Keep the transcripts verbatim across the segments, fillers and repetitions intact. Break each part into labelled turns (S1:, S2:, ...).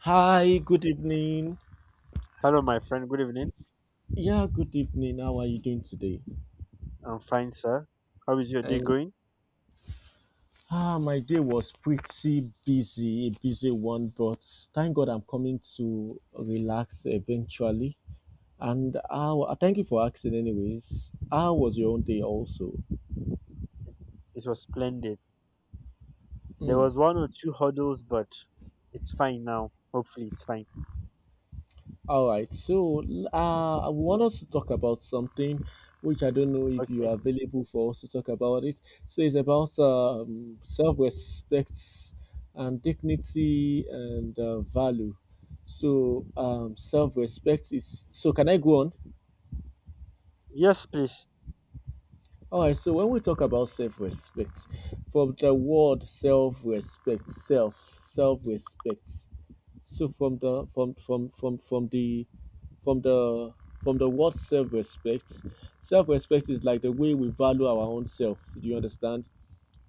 S1: Hi, good evening.
S2: Hello, my friend. Good evening.
S1: Yeah, good evening. How are you doing today?
S2: I'm fine, sir. How is your day
S1: And
S2: going?
S1: ah, my day was pretty busy, a busy one, but thank God I'm coming to relax eventually. And how, thank you for asking, anyways. How was your own day also?
S2: It was splendid. There
S1: Hmm.
S2: was one or two hurdles, but it's fine now. Hopefully, it's fine.
S1: All right, so
S2: Yeah.
S1: uh, I want us to talk about something which I don't know if you
S2: Okay.
S1: are available for us to talk about it. So it's about um, self-respect and dignity and uh, value. So um, self-respect is. So can I go on?
S2: Yes, please.
S1: All right. So when we talk about self-respect, from the word self-respect, self, self-respect. So from the from from from from the from the from the word self-respect, self-respect is like the way we value our own self. Do you understand?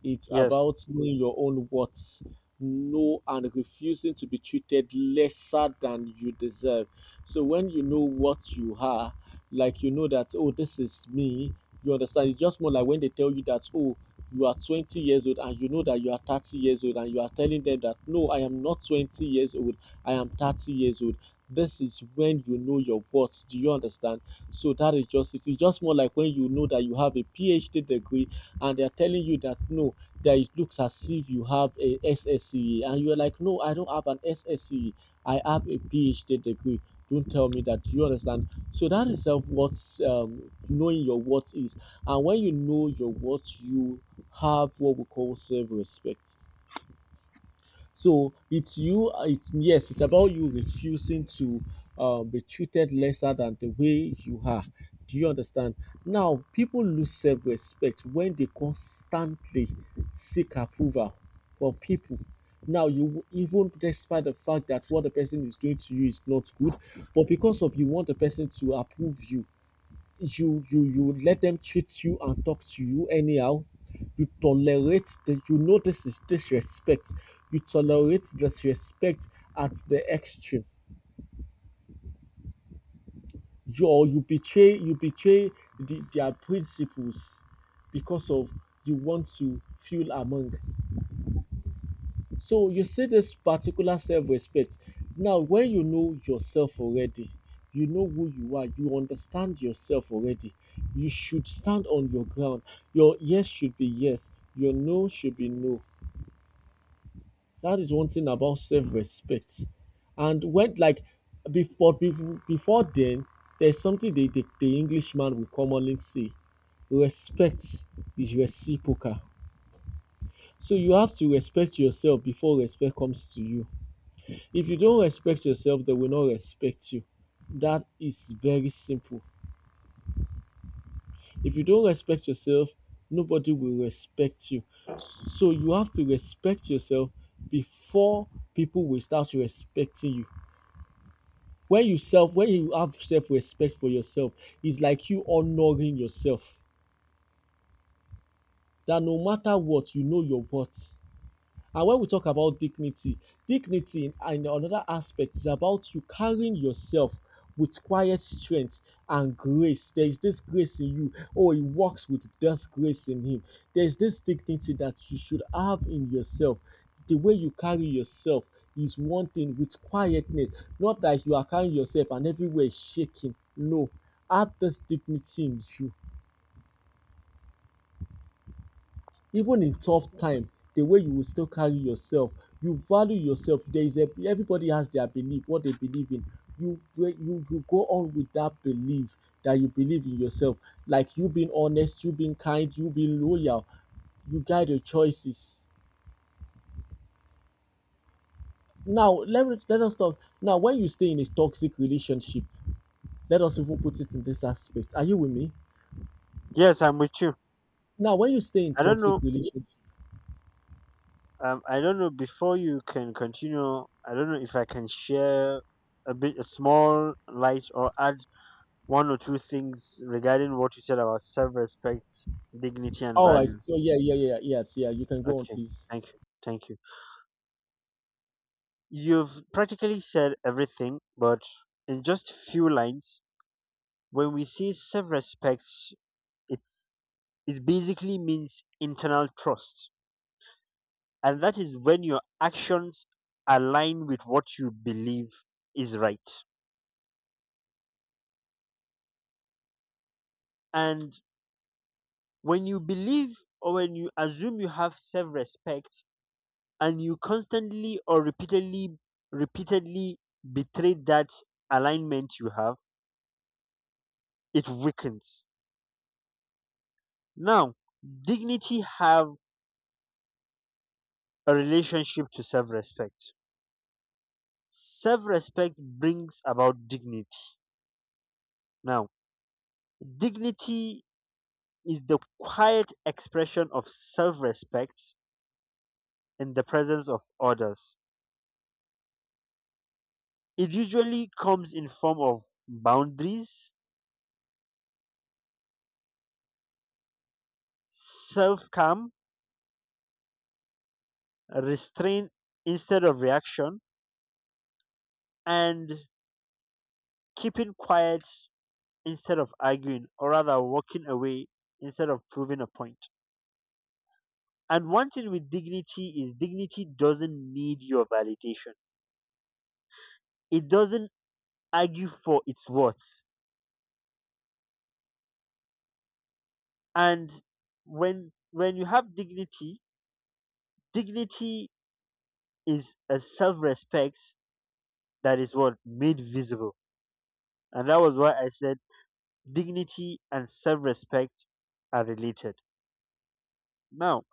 S1: It's
S2: Yes.
S1: about knowing your own worth, know and refusing to be treated lesser than you deserve. So when you know what you are, like you know that oh this is me, you understand. It's just more like when they tell you that oh you are twenty years old and you know that you are thirty years old and you are telling them that no, I am not twenty years old, I am thirty years old. This is when you know your worth. Do you understand? So that is just it's just more like when you know that you have a PhD degree, and they are telling you that no, that it looks as if you have a S S C E, and you're like, no, I don't have an S S C E. I have a PhD degree. Don't tell me that. You understand? So that is uh, what um, knowing your worth is, and when you know your worth, you have what we call self respect. So it's you, uh, it's yes, it's about you refusing to uh, be treated lesser than the way you are. Do you understand? Now, people lose self respect when they constantly seek approval from people. Now, you, even despite the fact that what the person is doing to you is not good, but because of you want the person to approve you, you you you let them treat you and talk to you anyhow. You tolerate the, you know, this is disrespect. You tolerate disrespect at the extreme. You, or you betray you betray the, their principles because of you want to feel among. So you see this particular self-respect. Now, when you know yourself already, you know who you are, you understand yourself already. You should stand on your ground. Your yes should be yes, your no should be no. That is one thing about self-respect. And when, like, before before, before then, there's something the, the, the Englishman will commonly say. Respect is reciprocal. So you have to respect yourself before respect comes to you. If you don't respect yourself, they will not respect you. That is very simple. If you don't respect yourself, nobody will respect you. So you have to respect yourself before people will start respecting you. When you self, when you have self-respect for yourself, it's like you honoring yourself. That no matter what, you know your worth. And when we talk about dignity, dignity in, in another aspect is about you carrying yourself with quiet strength and grace. There is this grace in you. Oh, he walks with this grace in him. There is this dignity that you should have in yourself. The way you carry yourself is one thing with quietness, not that you are carrying yourself and everywhere shaking. No, have this dignity in you, even in tough time. The way you will still carry yourself, you value yourself. There is a everybody has their belief, what they believe in. You, you you go on with that belief, that you believe in yourself, like you being honest, you being kind, you being loyal. You guide your choices. Now, let me let us talk now when you stay in a toxic relationship. Let us even put it in this aspect. Are you with me
S2: Yes, I'm with you.
S1: now when you stay in
S2: I don't
S1: toxic
S2: know.
S1: relationship?
S2: Um, I don't know. Before you can continue, I don't know if I can share a bit, a small light, or add one or two things regarding what you said about self-respect, dignity, and
S1: All right,
S2: value.
S1: so yeah, yeah, yeah, yes, yeah, you can go on,
S2: Okay.
S1: please.
S2: Thank you. Thank you. You've practically said everything, but in just few lines, when we say self-respect, it's it basically means internal trust, and that is when your actions align with what you believe is right. And when you believe or when you assume you have self-respect and you constantly or repeatedly repeatedly betray that alignment you have, it weakens. Now, dignity have a relationship to self respect. Self respect brings about dignity. Now, dignity is the quiet expression of self respect in the presence of others. It usually comes in form of boundaries, self calm, restraint instead of reaction, and keeping quiet instead of arguing, or rather walking away instead of proving a point. And one thing with dignity is dignity doesn't need your validation. It doesn't argue for its worth. And when when you have dignity, dignity is a self-respect that is what made visible. And that was why I said dignity and self-respect are related. Now,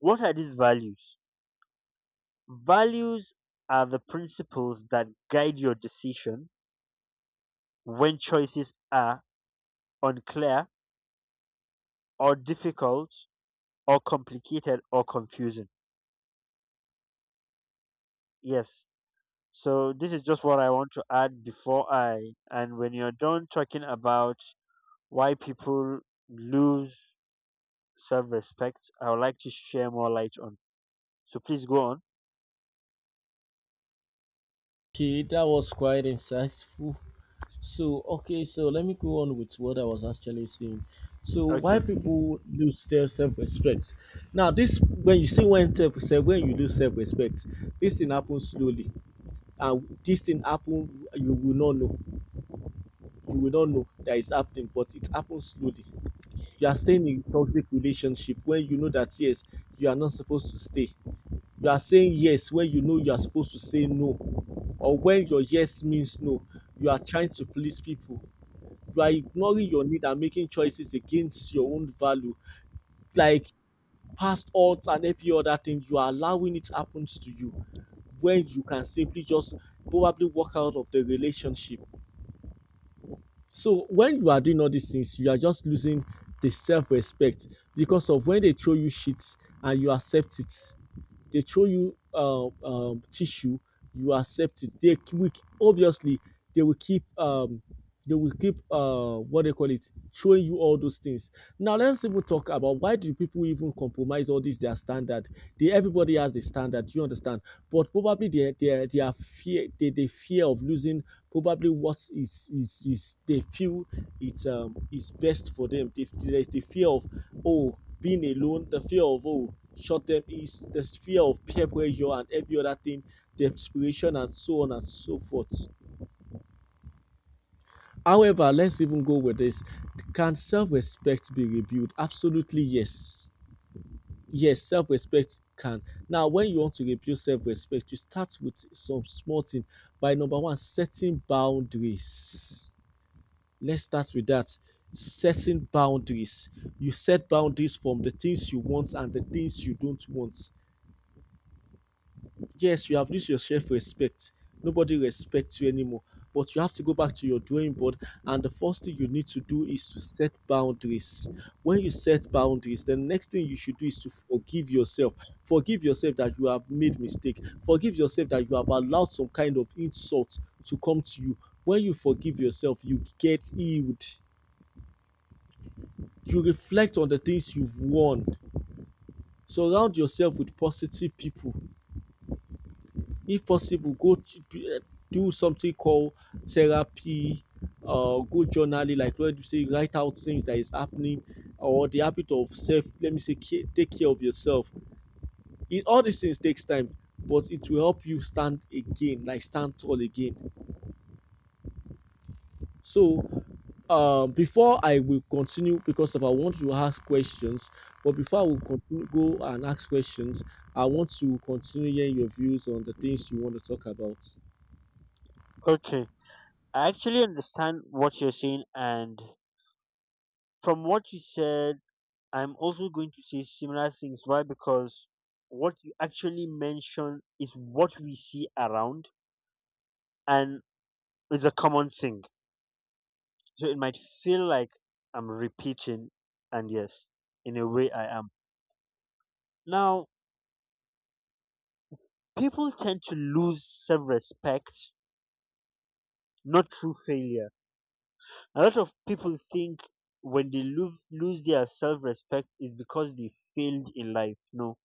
S2: what are these values? Values are the principles that guide your decision when choices are unclear or difficult or complicated or confusing. Yes. So this is just what I want to add before I and when you're done talking about why people lose self-respect, I would like to share more light on. So please go on.
S1: Okay, that was quite insightful. So, okay, so let me go on with what I was actually saying. So, why
S2: Okay.
S1: people lose their self-respect? Now, this when you see when self when you lose self-respect, this thing happens slowly, and this thing happen, you will not know. You will not know that it's happening, but it happens slowly. You are staying in toxic relationship when you know that yes, you are not supposed to stay. You are saying yes when you know you are supposed to say no, or when your yes means no, you are trying to please people. You are ignoring your need and making choices against your own value, like past odds and every other thing. You are allowing it happens to you when you can simply just probably walk out of the relationship. So when you are doing all these things, you are just losing the self-respect because of when they throw you shit and you accept it. They throw you um, um, tissue, you accept it. They k- will, k- obviously they will keep um, they will keep uh, what they call it, throwing you all those things. Now let's even talk about why do people even compromise all this their standard? They, everybody has the standard, you understand? But probably they they they are fear they, they fear of losing probably what is is is they feel it's um is best for them. They, they, the fear of, oh, being alone, the fear of, oh, short term, is the fear of peer pressure and every other thing, the inspiration and so on and so forth. However, let's even go with this. Can self-respect be rebuilt? Absolutely yes. Yes, self-respect can. Now when you want to rebuild self-respect, you start with some small thing by number one setting boundaries. Let's start with that. Setting boundaries, you set boundaries from the things you want and the things you don't want. Yes, you have lose your self respect. Nobody respects you anymore. But you have to go back to your drawing board, and the first thing you need to do is to set boundaries. When you set boundaries, the next thing you should do is to forgive yourself. Forgive yourself that you have made mistake. Forgive yourself that you have allowed some kind of insult to come to you. When you forgive yourself, you get healed. You reflect on the things you've won. Surround yourself with positive people. If possible, go ch- eh, do something called therapy. Uh go journaling, like where you say write out things that is happening, or the habit of self let me say care, take care of yourself. It, all these things takes time, but it will help you stand again, like stand tall again. So um before I will continue, because if I want to ask questions, but before I will continue go and ask questions, I want to continue hearing your views on the things you want to talk about.
S2: Okay. I actually understand what you're saying, and from what you said, I'm also going to say similar things. Why? Because what you actually mention is what we see around, and it's a common thing. So it might feel like I'm repeating, and yes, in a way I am. Now, people tend to lose self respect, not through failure. A lot of people think when they lose, lose their self respect is because they failed in life. No,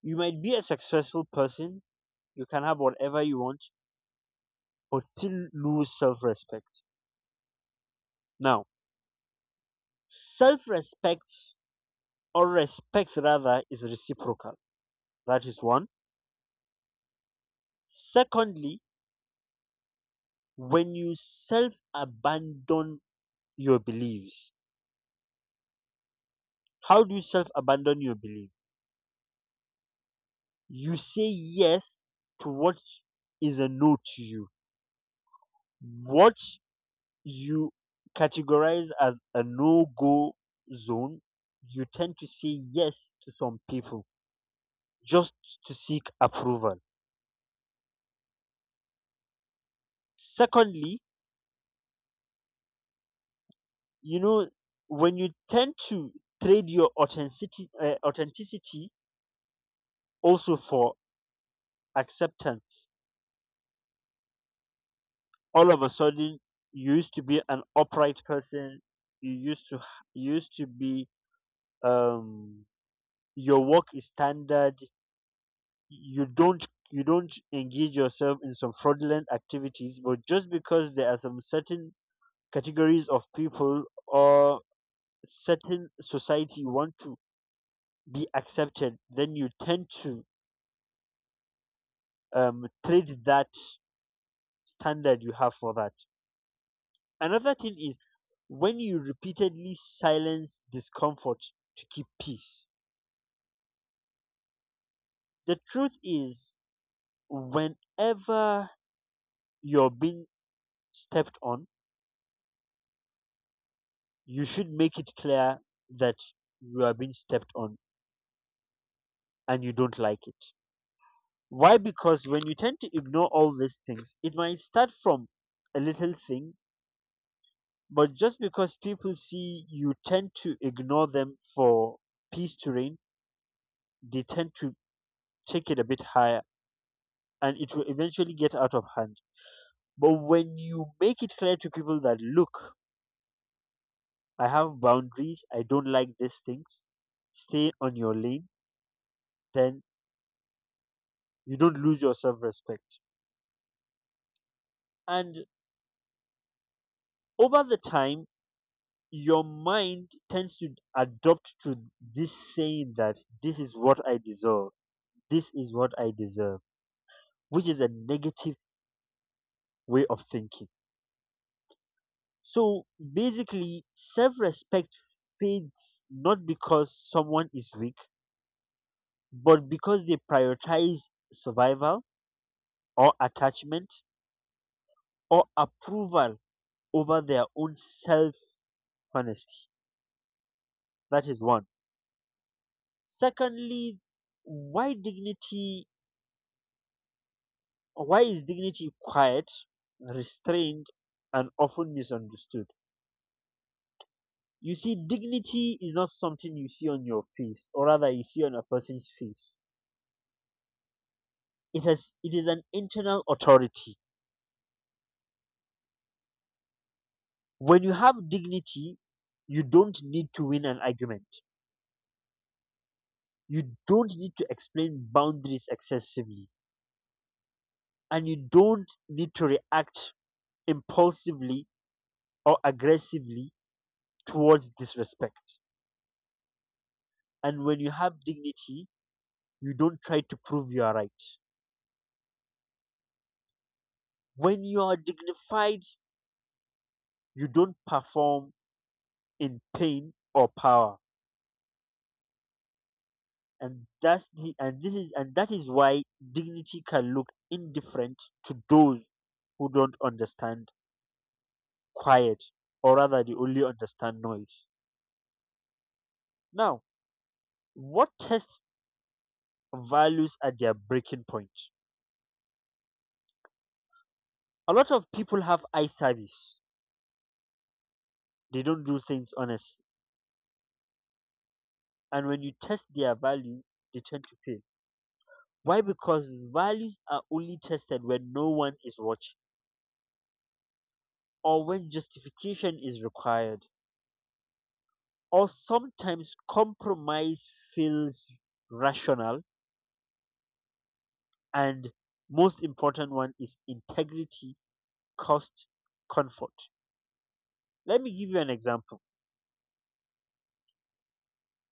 S2: you might be a successful person, you can have whatever you want, but still lose self respect. Now, self respect or respect rather is reciprocal. That is one. Secondly, when you self abandon your beliefs, how do you self abandon your belief? You say yes to what is a no to you, what you categorize as a no go zone. You tend to say yes to some people just to seek approval. Secondly, you know, when you tend to trade your authenticity, uh, authenticity also for acceptance, all of a sudden you used to be an upright person, you used to h- you used to be um your work is standard, you don't you don't engage yourself in some fraudulent activities, but just because there are some certain categories of people or certain society you want to be accepted, then you tend to um trade that standard you have for that. Another thing is when you repeatedly silence discomfort to keep peace. The truth is, whenever you're being stepped on, you should make it clear that you are being stepped on and you don't like it. Why? Because when you tend to ignore all these things, it might start from a little thing, but just because people see you tend to ignore them for peace to reign, they tend to take it a bit higher and it will eventually get out of hand. But when you make it clear to people that, look, I have boundaries, I don't like these things, stay on your lane, then you don't lose your self respect. And over the time, your mind tends to adopt to this saying that this is what I deserve, this is what I deserve, which is a negative way of thinking. So basically, self respect fades not because someone is weak, but because they prioritize survival or attachment or approval over their own self honesty. That is one. Secondly, why dignity, why is dignity quiet, restrained, and often misunderstood? You see, dignity is not something you see on your face, or rather you see on a person's face. It has it is an internal authority. When you have dignity, you don't need to win an argument, you don't need to explain boundaries excessively, and you don't need to react impulsively or aggressively towards disrespect. And when you have dignity, you don't try to prove you are right. When you are dignified, you don't perform in pain or power. And that's the, and this is and that is why dignity can look indifferent to those who don't understand quiet, or rather they only understand noise. Now, what test values at their breaking point? A lot of people have eye service. They don't do things honestly. And when you test their value, they tend to fail. Why? Because values are only tested when no one is watching, or when justification is required, or sometimes compromise feels rational. And most important one is integrity, cost, comfort. Let me give you an example.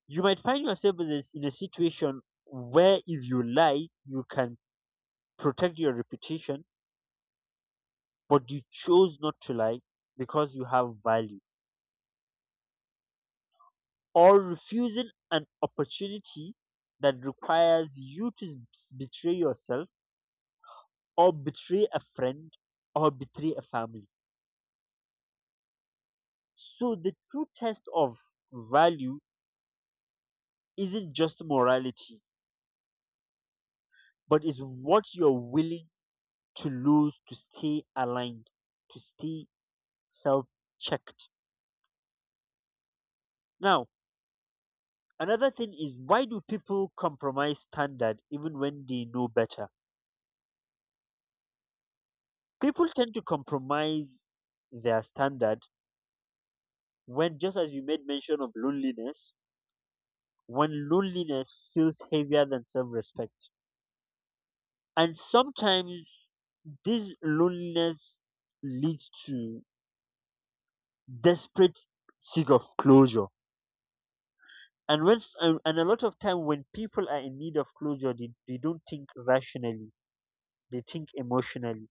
S2: You might find yourself in a, s- in a situation where if you lie, you can protect your reputation, but you chose not to lie because you have value, or refusing an opportunity that requires you to s- betray yourself, or betray a friend, or betray a family. So, the true test of value isn't just morality, but is what you're willing to lose to stay aligned, to stay self checked. Now, another thing is why do people compromise standard even when they know better? People tend to compromise their standard when, just as you made mention of loneliness, when loneliness feels heavier than self respect. And sometimes this loneliness leads to desperate seek of closure. And when s- and and a lot of time when people are in need of closure, they, they don't think rationally, they think emotionally.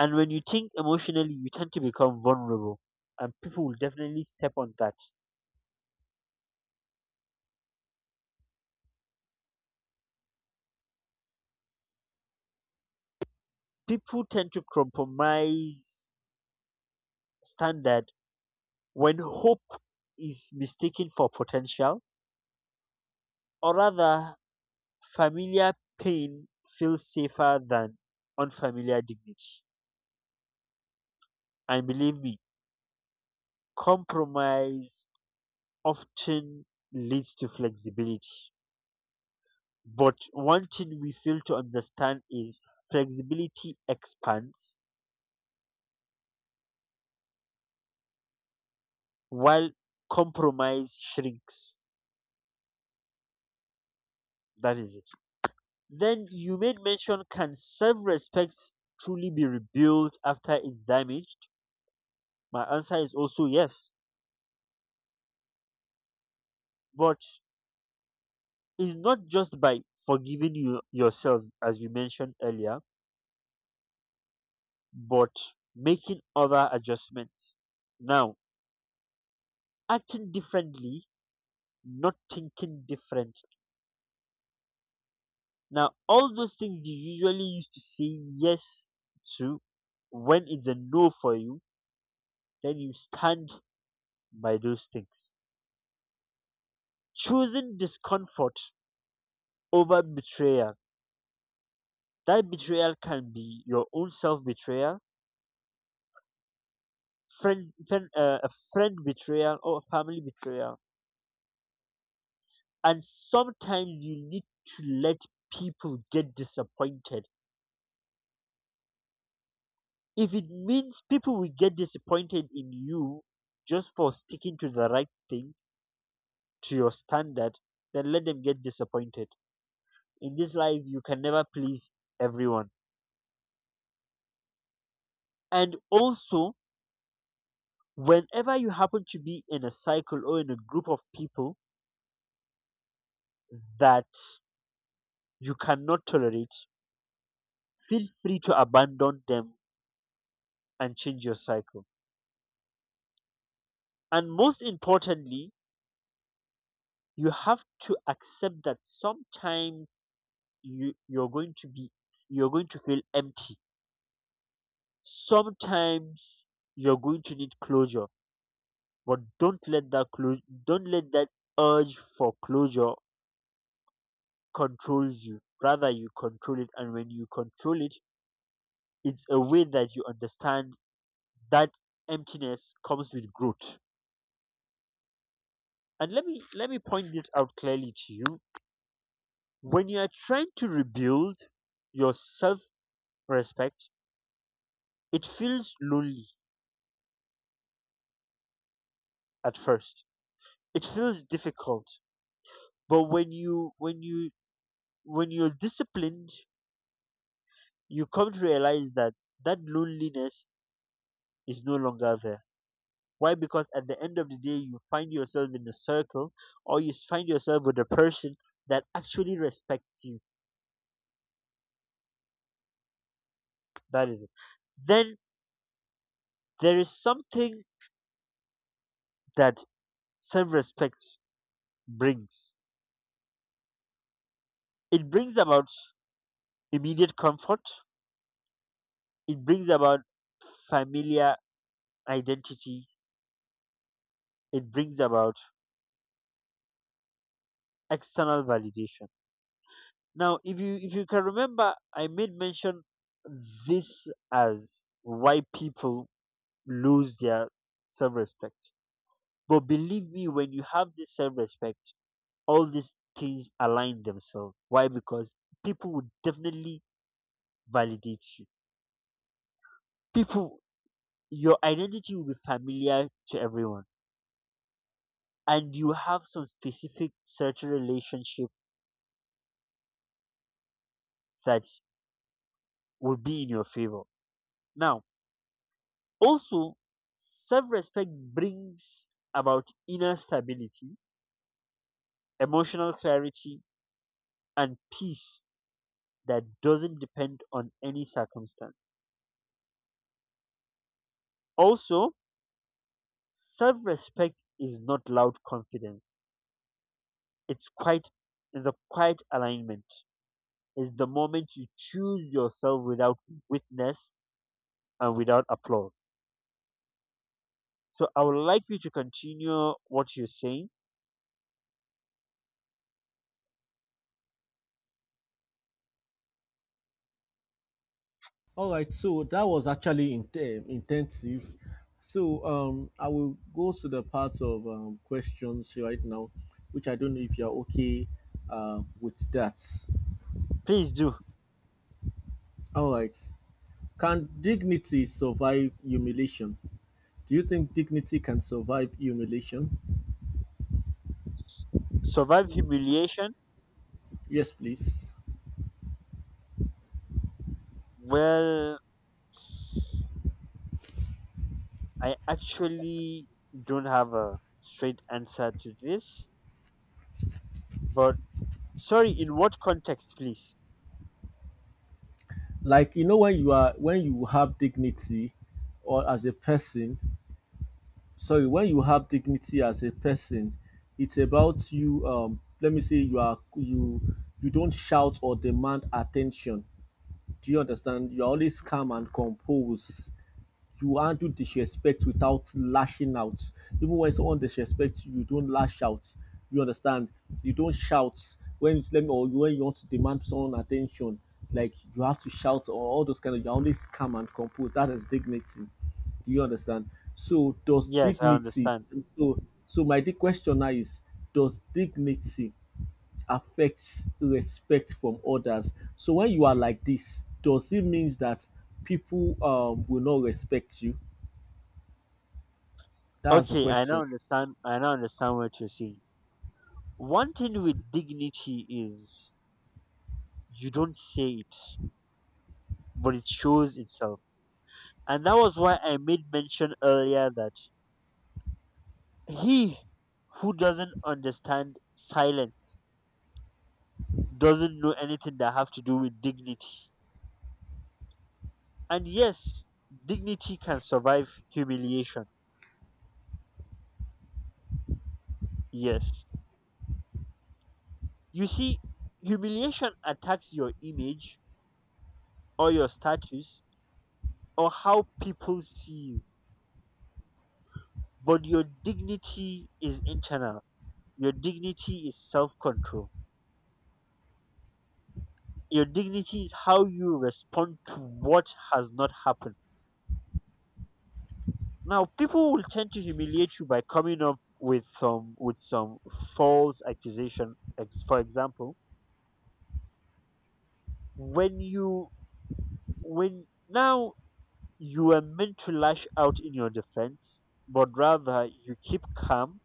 S2: And when you think emotionally, you tend to become vulnerable, and people will definitely step on that. People tend to compromise standard when hope is mistaken for potential, or rather, familiar pain feels safer than unfamiliar dignity. And believe me, compromise often leads to flexibility. But one thing we fail to understand is flexibility expands while compromise shrinks. That is it. Then you made mention can self respect truly be rebuilt after it's damaged? My answer is also yes. But it's not just by forgiving you yourself, as you mentioned earlier, but making other adjustments. Now, acting differently, not thinking different. Now, all those things you usually used to say yes to when it's a no for you, then you stand by those things. Choosing discomfort over betrayal. That betrayal can be your own self betrayal, friend, friend uh, a friend betrayal, or a family betrayal. And sometimes you need to let people get disappointed. If it means people will get disappointed in you just for sticking to the right thing, to your standard, then let them get disappointed. In this life, you can never please everyone. And also, whenever you happen to be in a cycle or in a group of people that you cannot tolerate, feel free to abandon them and change your cycle. And most importantly, you have to accept that sometimes you, you're going to be you're going to feel empty. Sometimes you're going to need closure, but don't let that clo- don't let that urge for closure controls you. Rather you control it, and when you control it it's a way that you understand that emptiness comes with growth. And let me let me point this out clearly to you. When you are trying to rebuild your self-respect, it feels lonely at first. It feels difficult. But when you when you when you're disciplined, you come to realize that that loneliness is no longer there. Why? Because at the end of the day, you find yourself in a circle or you find yourself with a person that actually respects you. That is it. Then there is something that self respect brings. It brings about immediate comfort, it brings about familiar identity, it brings about external validation. Now, if you if you can remember I made mention this as why people lose their self respect. But believe me, when you have this self respect, all these things align themselves. Why? Because people would definitely validates you. People, your identity will be familiar to everyone, and you have some specific certain relationship that will be in your favor. Now, also, self respect brings about inner stability, emotional clarity, and peace that doesn't depend on any circumstance. Also, self respect is not loud confidence, it's quite it's a quiet alignment. Is the moment you choose yourself without witness and without applause. So I would like you to continue what you're saying.
S1: All right, so that was actually in, intensive. So um, I will go to the part of um, questions right now, which I don't know if you're okay uh, with that.
S2: Please do.
S1: All right. Can dignity survive humiliation? Do you think dignity can survive humiliation?
S2: Survive humiliation.
S1: Yes, please.
S2: Well, I actually don't have a straight answer to this, but sorry, in what context, please?
S1: Like, you know, when you are when you have dignity, or as a person, sorry, when you have dignity as a person, it's about you, um let me say you are you you don't shout or demand attention, do you understand, you're always calm and composed, you handle disrespect without lashing out. Even when someone disrespects you, you don't lash out. You understand? You don't shout when it's let me or when you want to demand someone attention. Like, you have to shout or all those kind of. You're always calm and composed. That is dignity. Do you understand? So does
S2: Yes, I
S1: dignity?
S2: understand.
S1: So so my the question now is: does dignity affect respect from others? So when you are like this, does it means that people um, will not respect you? That's the
S2: Okay, I now
S1: question.
S2: understand. I now understand what you're saying. One thing with dignity is you don't say it, but it shows itself. And that was why I made mention earlier that he who doesn't understand silence doesn't know anything that have to do with dignity. And yes, dignity can survive humiliation. Yes. You see, humiliation attacks your image or your status or how people see you. But your dignity is internal. Your dignity is self control. Your dignity is how you respond to what has not happened. Now people will tend to humiliate you by coming up with some with some false accusation. Ex- For example, when you when now you are meant to lash out in your defense, but rather you keep calm,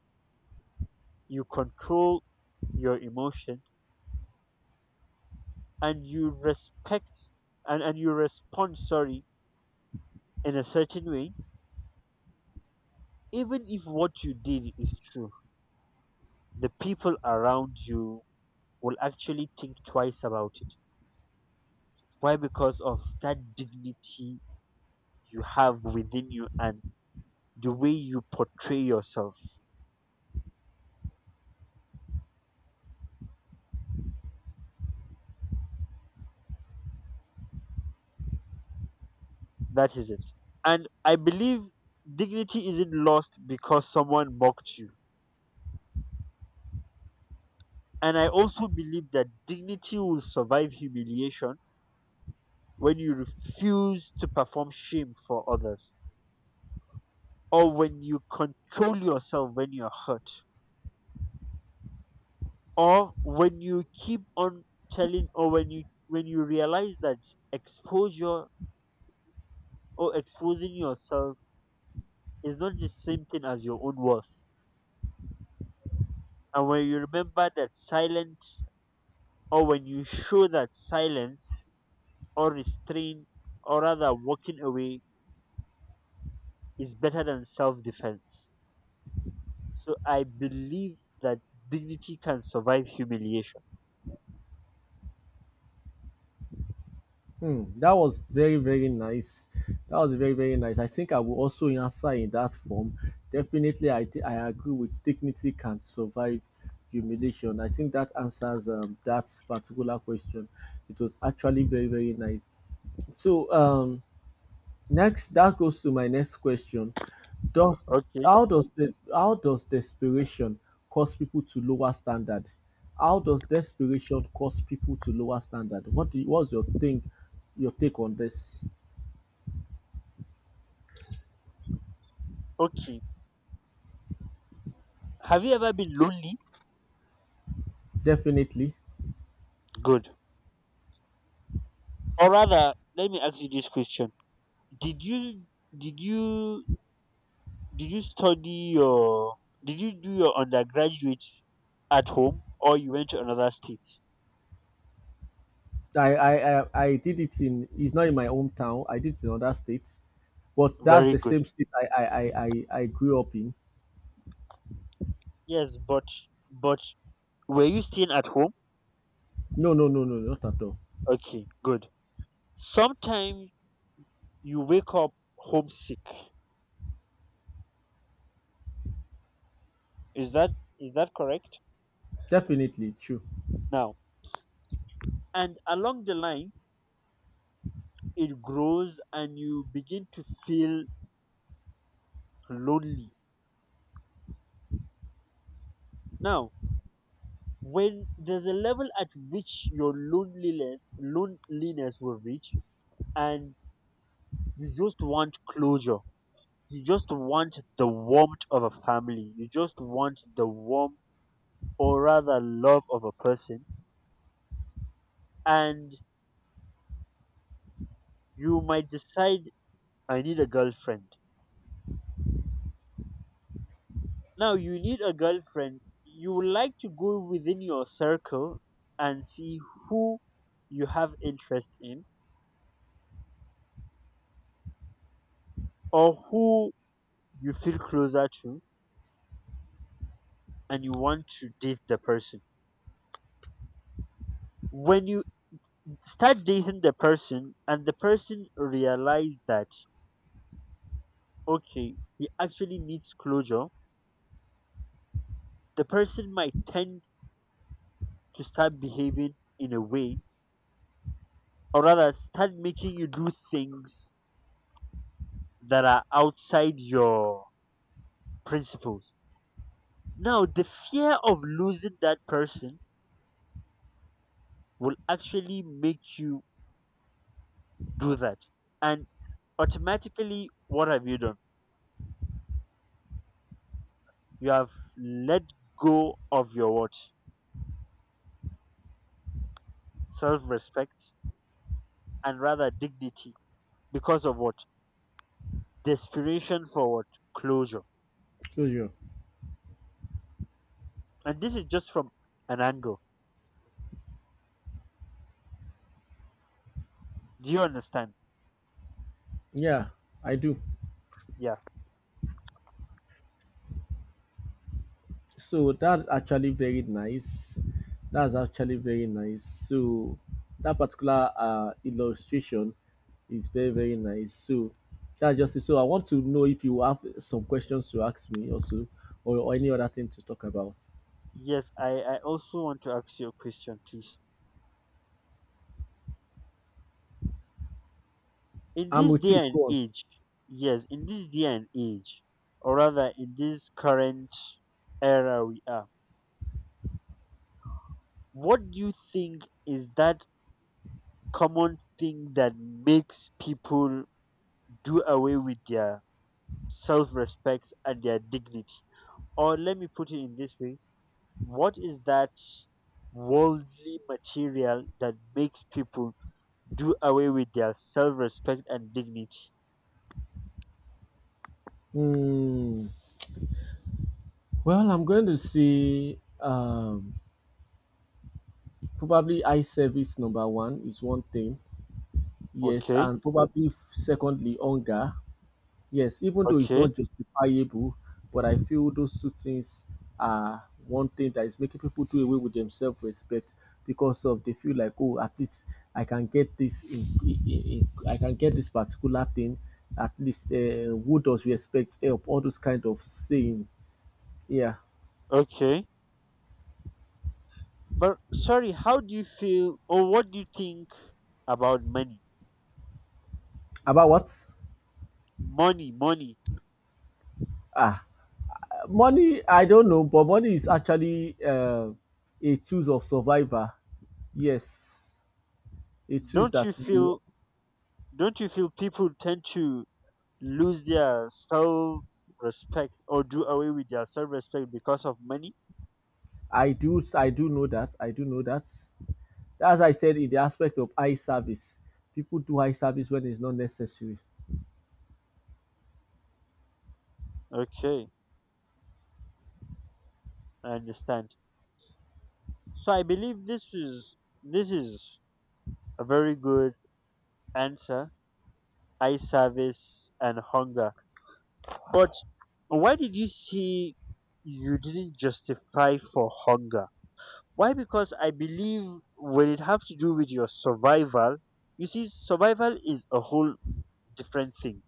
S2: you control your emotion, and you respect and, and you respond, sorry, in a certain way, even if what you did is true, the people around you will actually think twice about it. Why? Because of that dignity you have within you and the way you portray yourself. That is it. And I believe dignity isn't lost because someone mocked you. And I also believe that dignity will survive humiliation when you refuse to perform shame for others, or when you control yourself when you're hurt, or when you keep on telling, or when you when you realize that exposure or exposing yourself is not the same thing as your own worth. And when you remember that silent, or when you show that silence or restraint, or rather walking away, is better than self defense. So I believe that dignity can survive humiliation.
S1: Hmm, that was very, very nice. That was very, very nice. I think I will also answer in that form. Definitely, I, thi- I agree with dignity can survive humiliation. I think that answers um, that particular question. It was actually very, very nice. So, um, next, that goes to my next question. Does
S2: Okay,
S1: how does the how does desperation cause people to lower standard? How does desperation cause people to lower standard? What do you- what's your think your take on this?
S2: okay. Have you ever been lonely?
S1: Definitely.
S2: Good. Or rather, let me ask you this question: Did you, did you, did you study your, did you do your undergraduate at home, or you went to another state?
S1: I, I, I, I did it in, it's not in my hometown, I did it in other states. But that's the
S2: Very good.
S1: same state I, I, I, I, I grew up in.
S2: Yes, but but were you staying at home?
S1: No, no, no, no, not at all.
S2: Okay, good. Sometimes you wake up homesick. Is that is that correct?
S1: Definitely true.
S2: Now, and along the line it grows and you begin to feel lonely. Now, when there's a level at which your loneliness loneliness will reach and you just want closure. You just want the warmth of a family. You just want the warmth or rather love of a person, and you might decide, I need a girlfriend. Now you need a girlfriend, you would like to go within your circle and see who you have interest in, or who you feel closer to, and you want to date the person. When you start dating the person and the person realize that, okay, he actually needs closure, the person might tend to start behaving in a way, or rather start making you do things that are outside your principles. Now, the fear of losing that person will actually make you do that. And automatically, what have you done? You have let go of your what? Self respect and rather dignity because of what? Desperation for what? Closure.
S1: So yeah.
S2: And this is just from an angle. Do you understand?
S1: Yeah, I do.
S2: Yeah.
S1: So that's actually very nice. That's actually very nice. So that particular uh, illustration is very very nice. So that's just it. So I want to know if you have some questions to ask me also, or, or any other thing to talk about.
S2: Yes, I, I also want to ask you a question, please. In
S1: I'm
S2: this
S1: with you.
S2: day and
S1: Go on.
S2: age, yes, in this day and age, or rather in this current era we are, what do you think is that common thing that makes people do away with their self respect and their dignity? Or let me put it in this way, what is that worldly material that makes people do away with their self respect and dignity?
S1: Hmm. Well, I'm going to say um, probably eye service number one is one thing. Yes,
S2: Okay,
S1: and probably secondly hunger. Yes, even though it's
S2: okay,
S1: not justifiable, but I feel those two things are one thing that is making people do away with themselves respect because of they feel like, oh, at least I can get this in, in, in I can get this particular thing, at least uh, who does respect help, all those kind of saying, yeah.
S2: okay. But sorry, how do you feel or what do you think about money?
S1: About what?
S2: Money, money.
S1: ah Money, I don't know, but money is actually uh, a tool of survivor, yes, a tool
S2: Don't
S1: that
S2: you
S1: you.
S2: feel don't you feel people tend to lose their self respect or do away with their self respect because of money?
S1: I do I do know that. I do know that. As I said in the aspect of eye service, people do eye service when it's not necessary.
S2: Okay, I understand. So I believe this is this is a very good answer. Eye service and hunger. But why did you see you didn't justify for hunger? Why? Because I believe when it have to do with your survival, you see, survival is a whole different thing,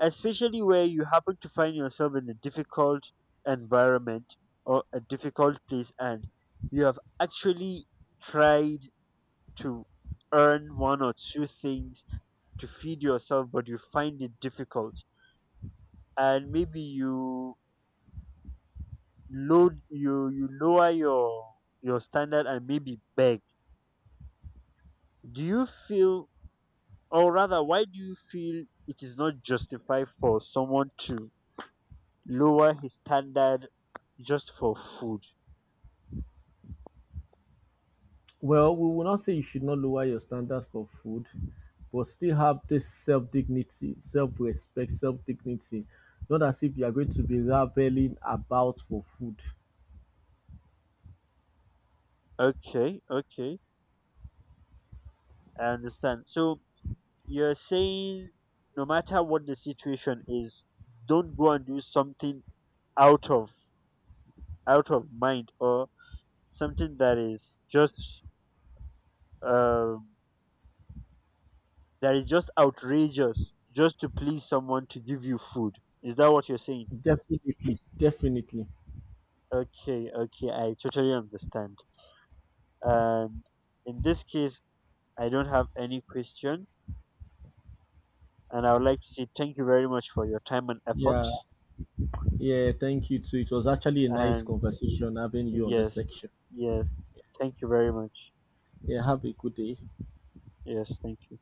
S2: especially where you happen to find yourself in a difficult environment or a difficult place, and you have actually tried to earn one or two things to feed yourself but you find it difficult, and maybe you load you you lower your your standard and maybe beg. Do you feel, or rather, why do you feel it is not justified for someone to lower his standard just for food?
S1: Well, we will not say you should not lower your standards for food, but still have this self dignity, self respect, self dignity. Not as if you are going to be raveling about for food.
S2: Okay, okay, I understand. So you're saying no matter what the situation is, don't go and do something out of out of mind, or something that is just um, that is just outrageous just to please someone to give you food. Is that what you're saying?
S1: Definitely, definitely.
S2: Okay, okay, I totally understand. And in this case, I don't have any question. And I would like to say thank you very much for your time and
S1: Yeah,
S2: effort.
S1: yeah, thank you too. It was actually a nice
S2: And
S1: conversation having you on the
S2: yes,
S1: section.
S2: yes, thank you very much.
S1: Yeah, have a good day.
S2: Yes, thank you.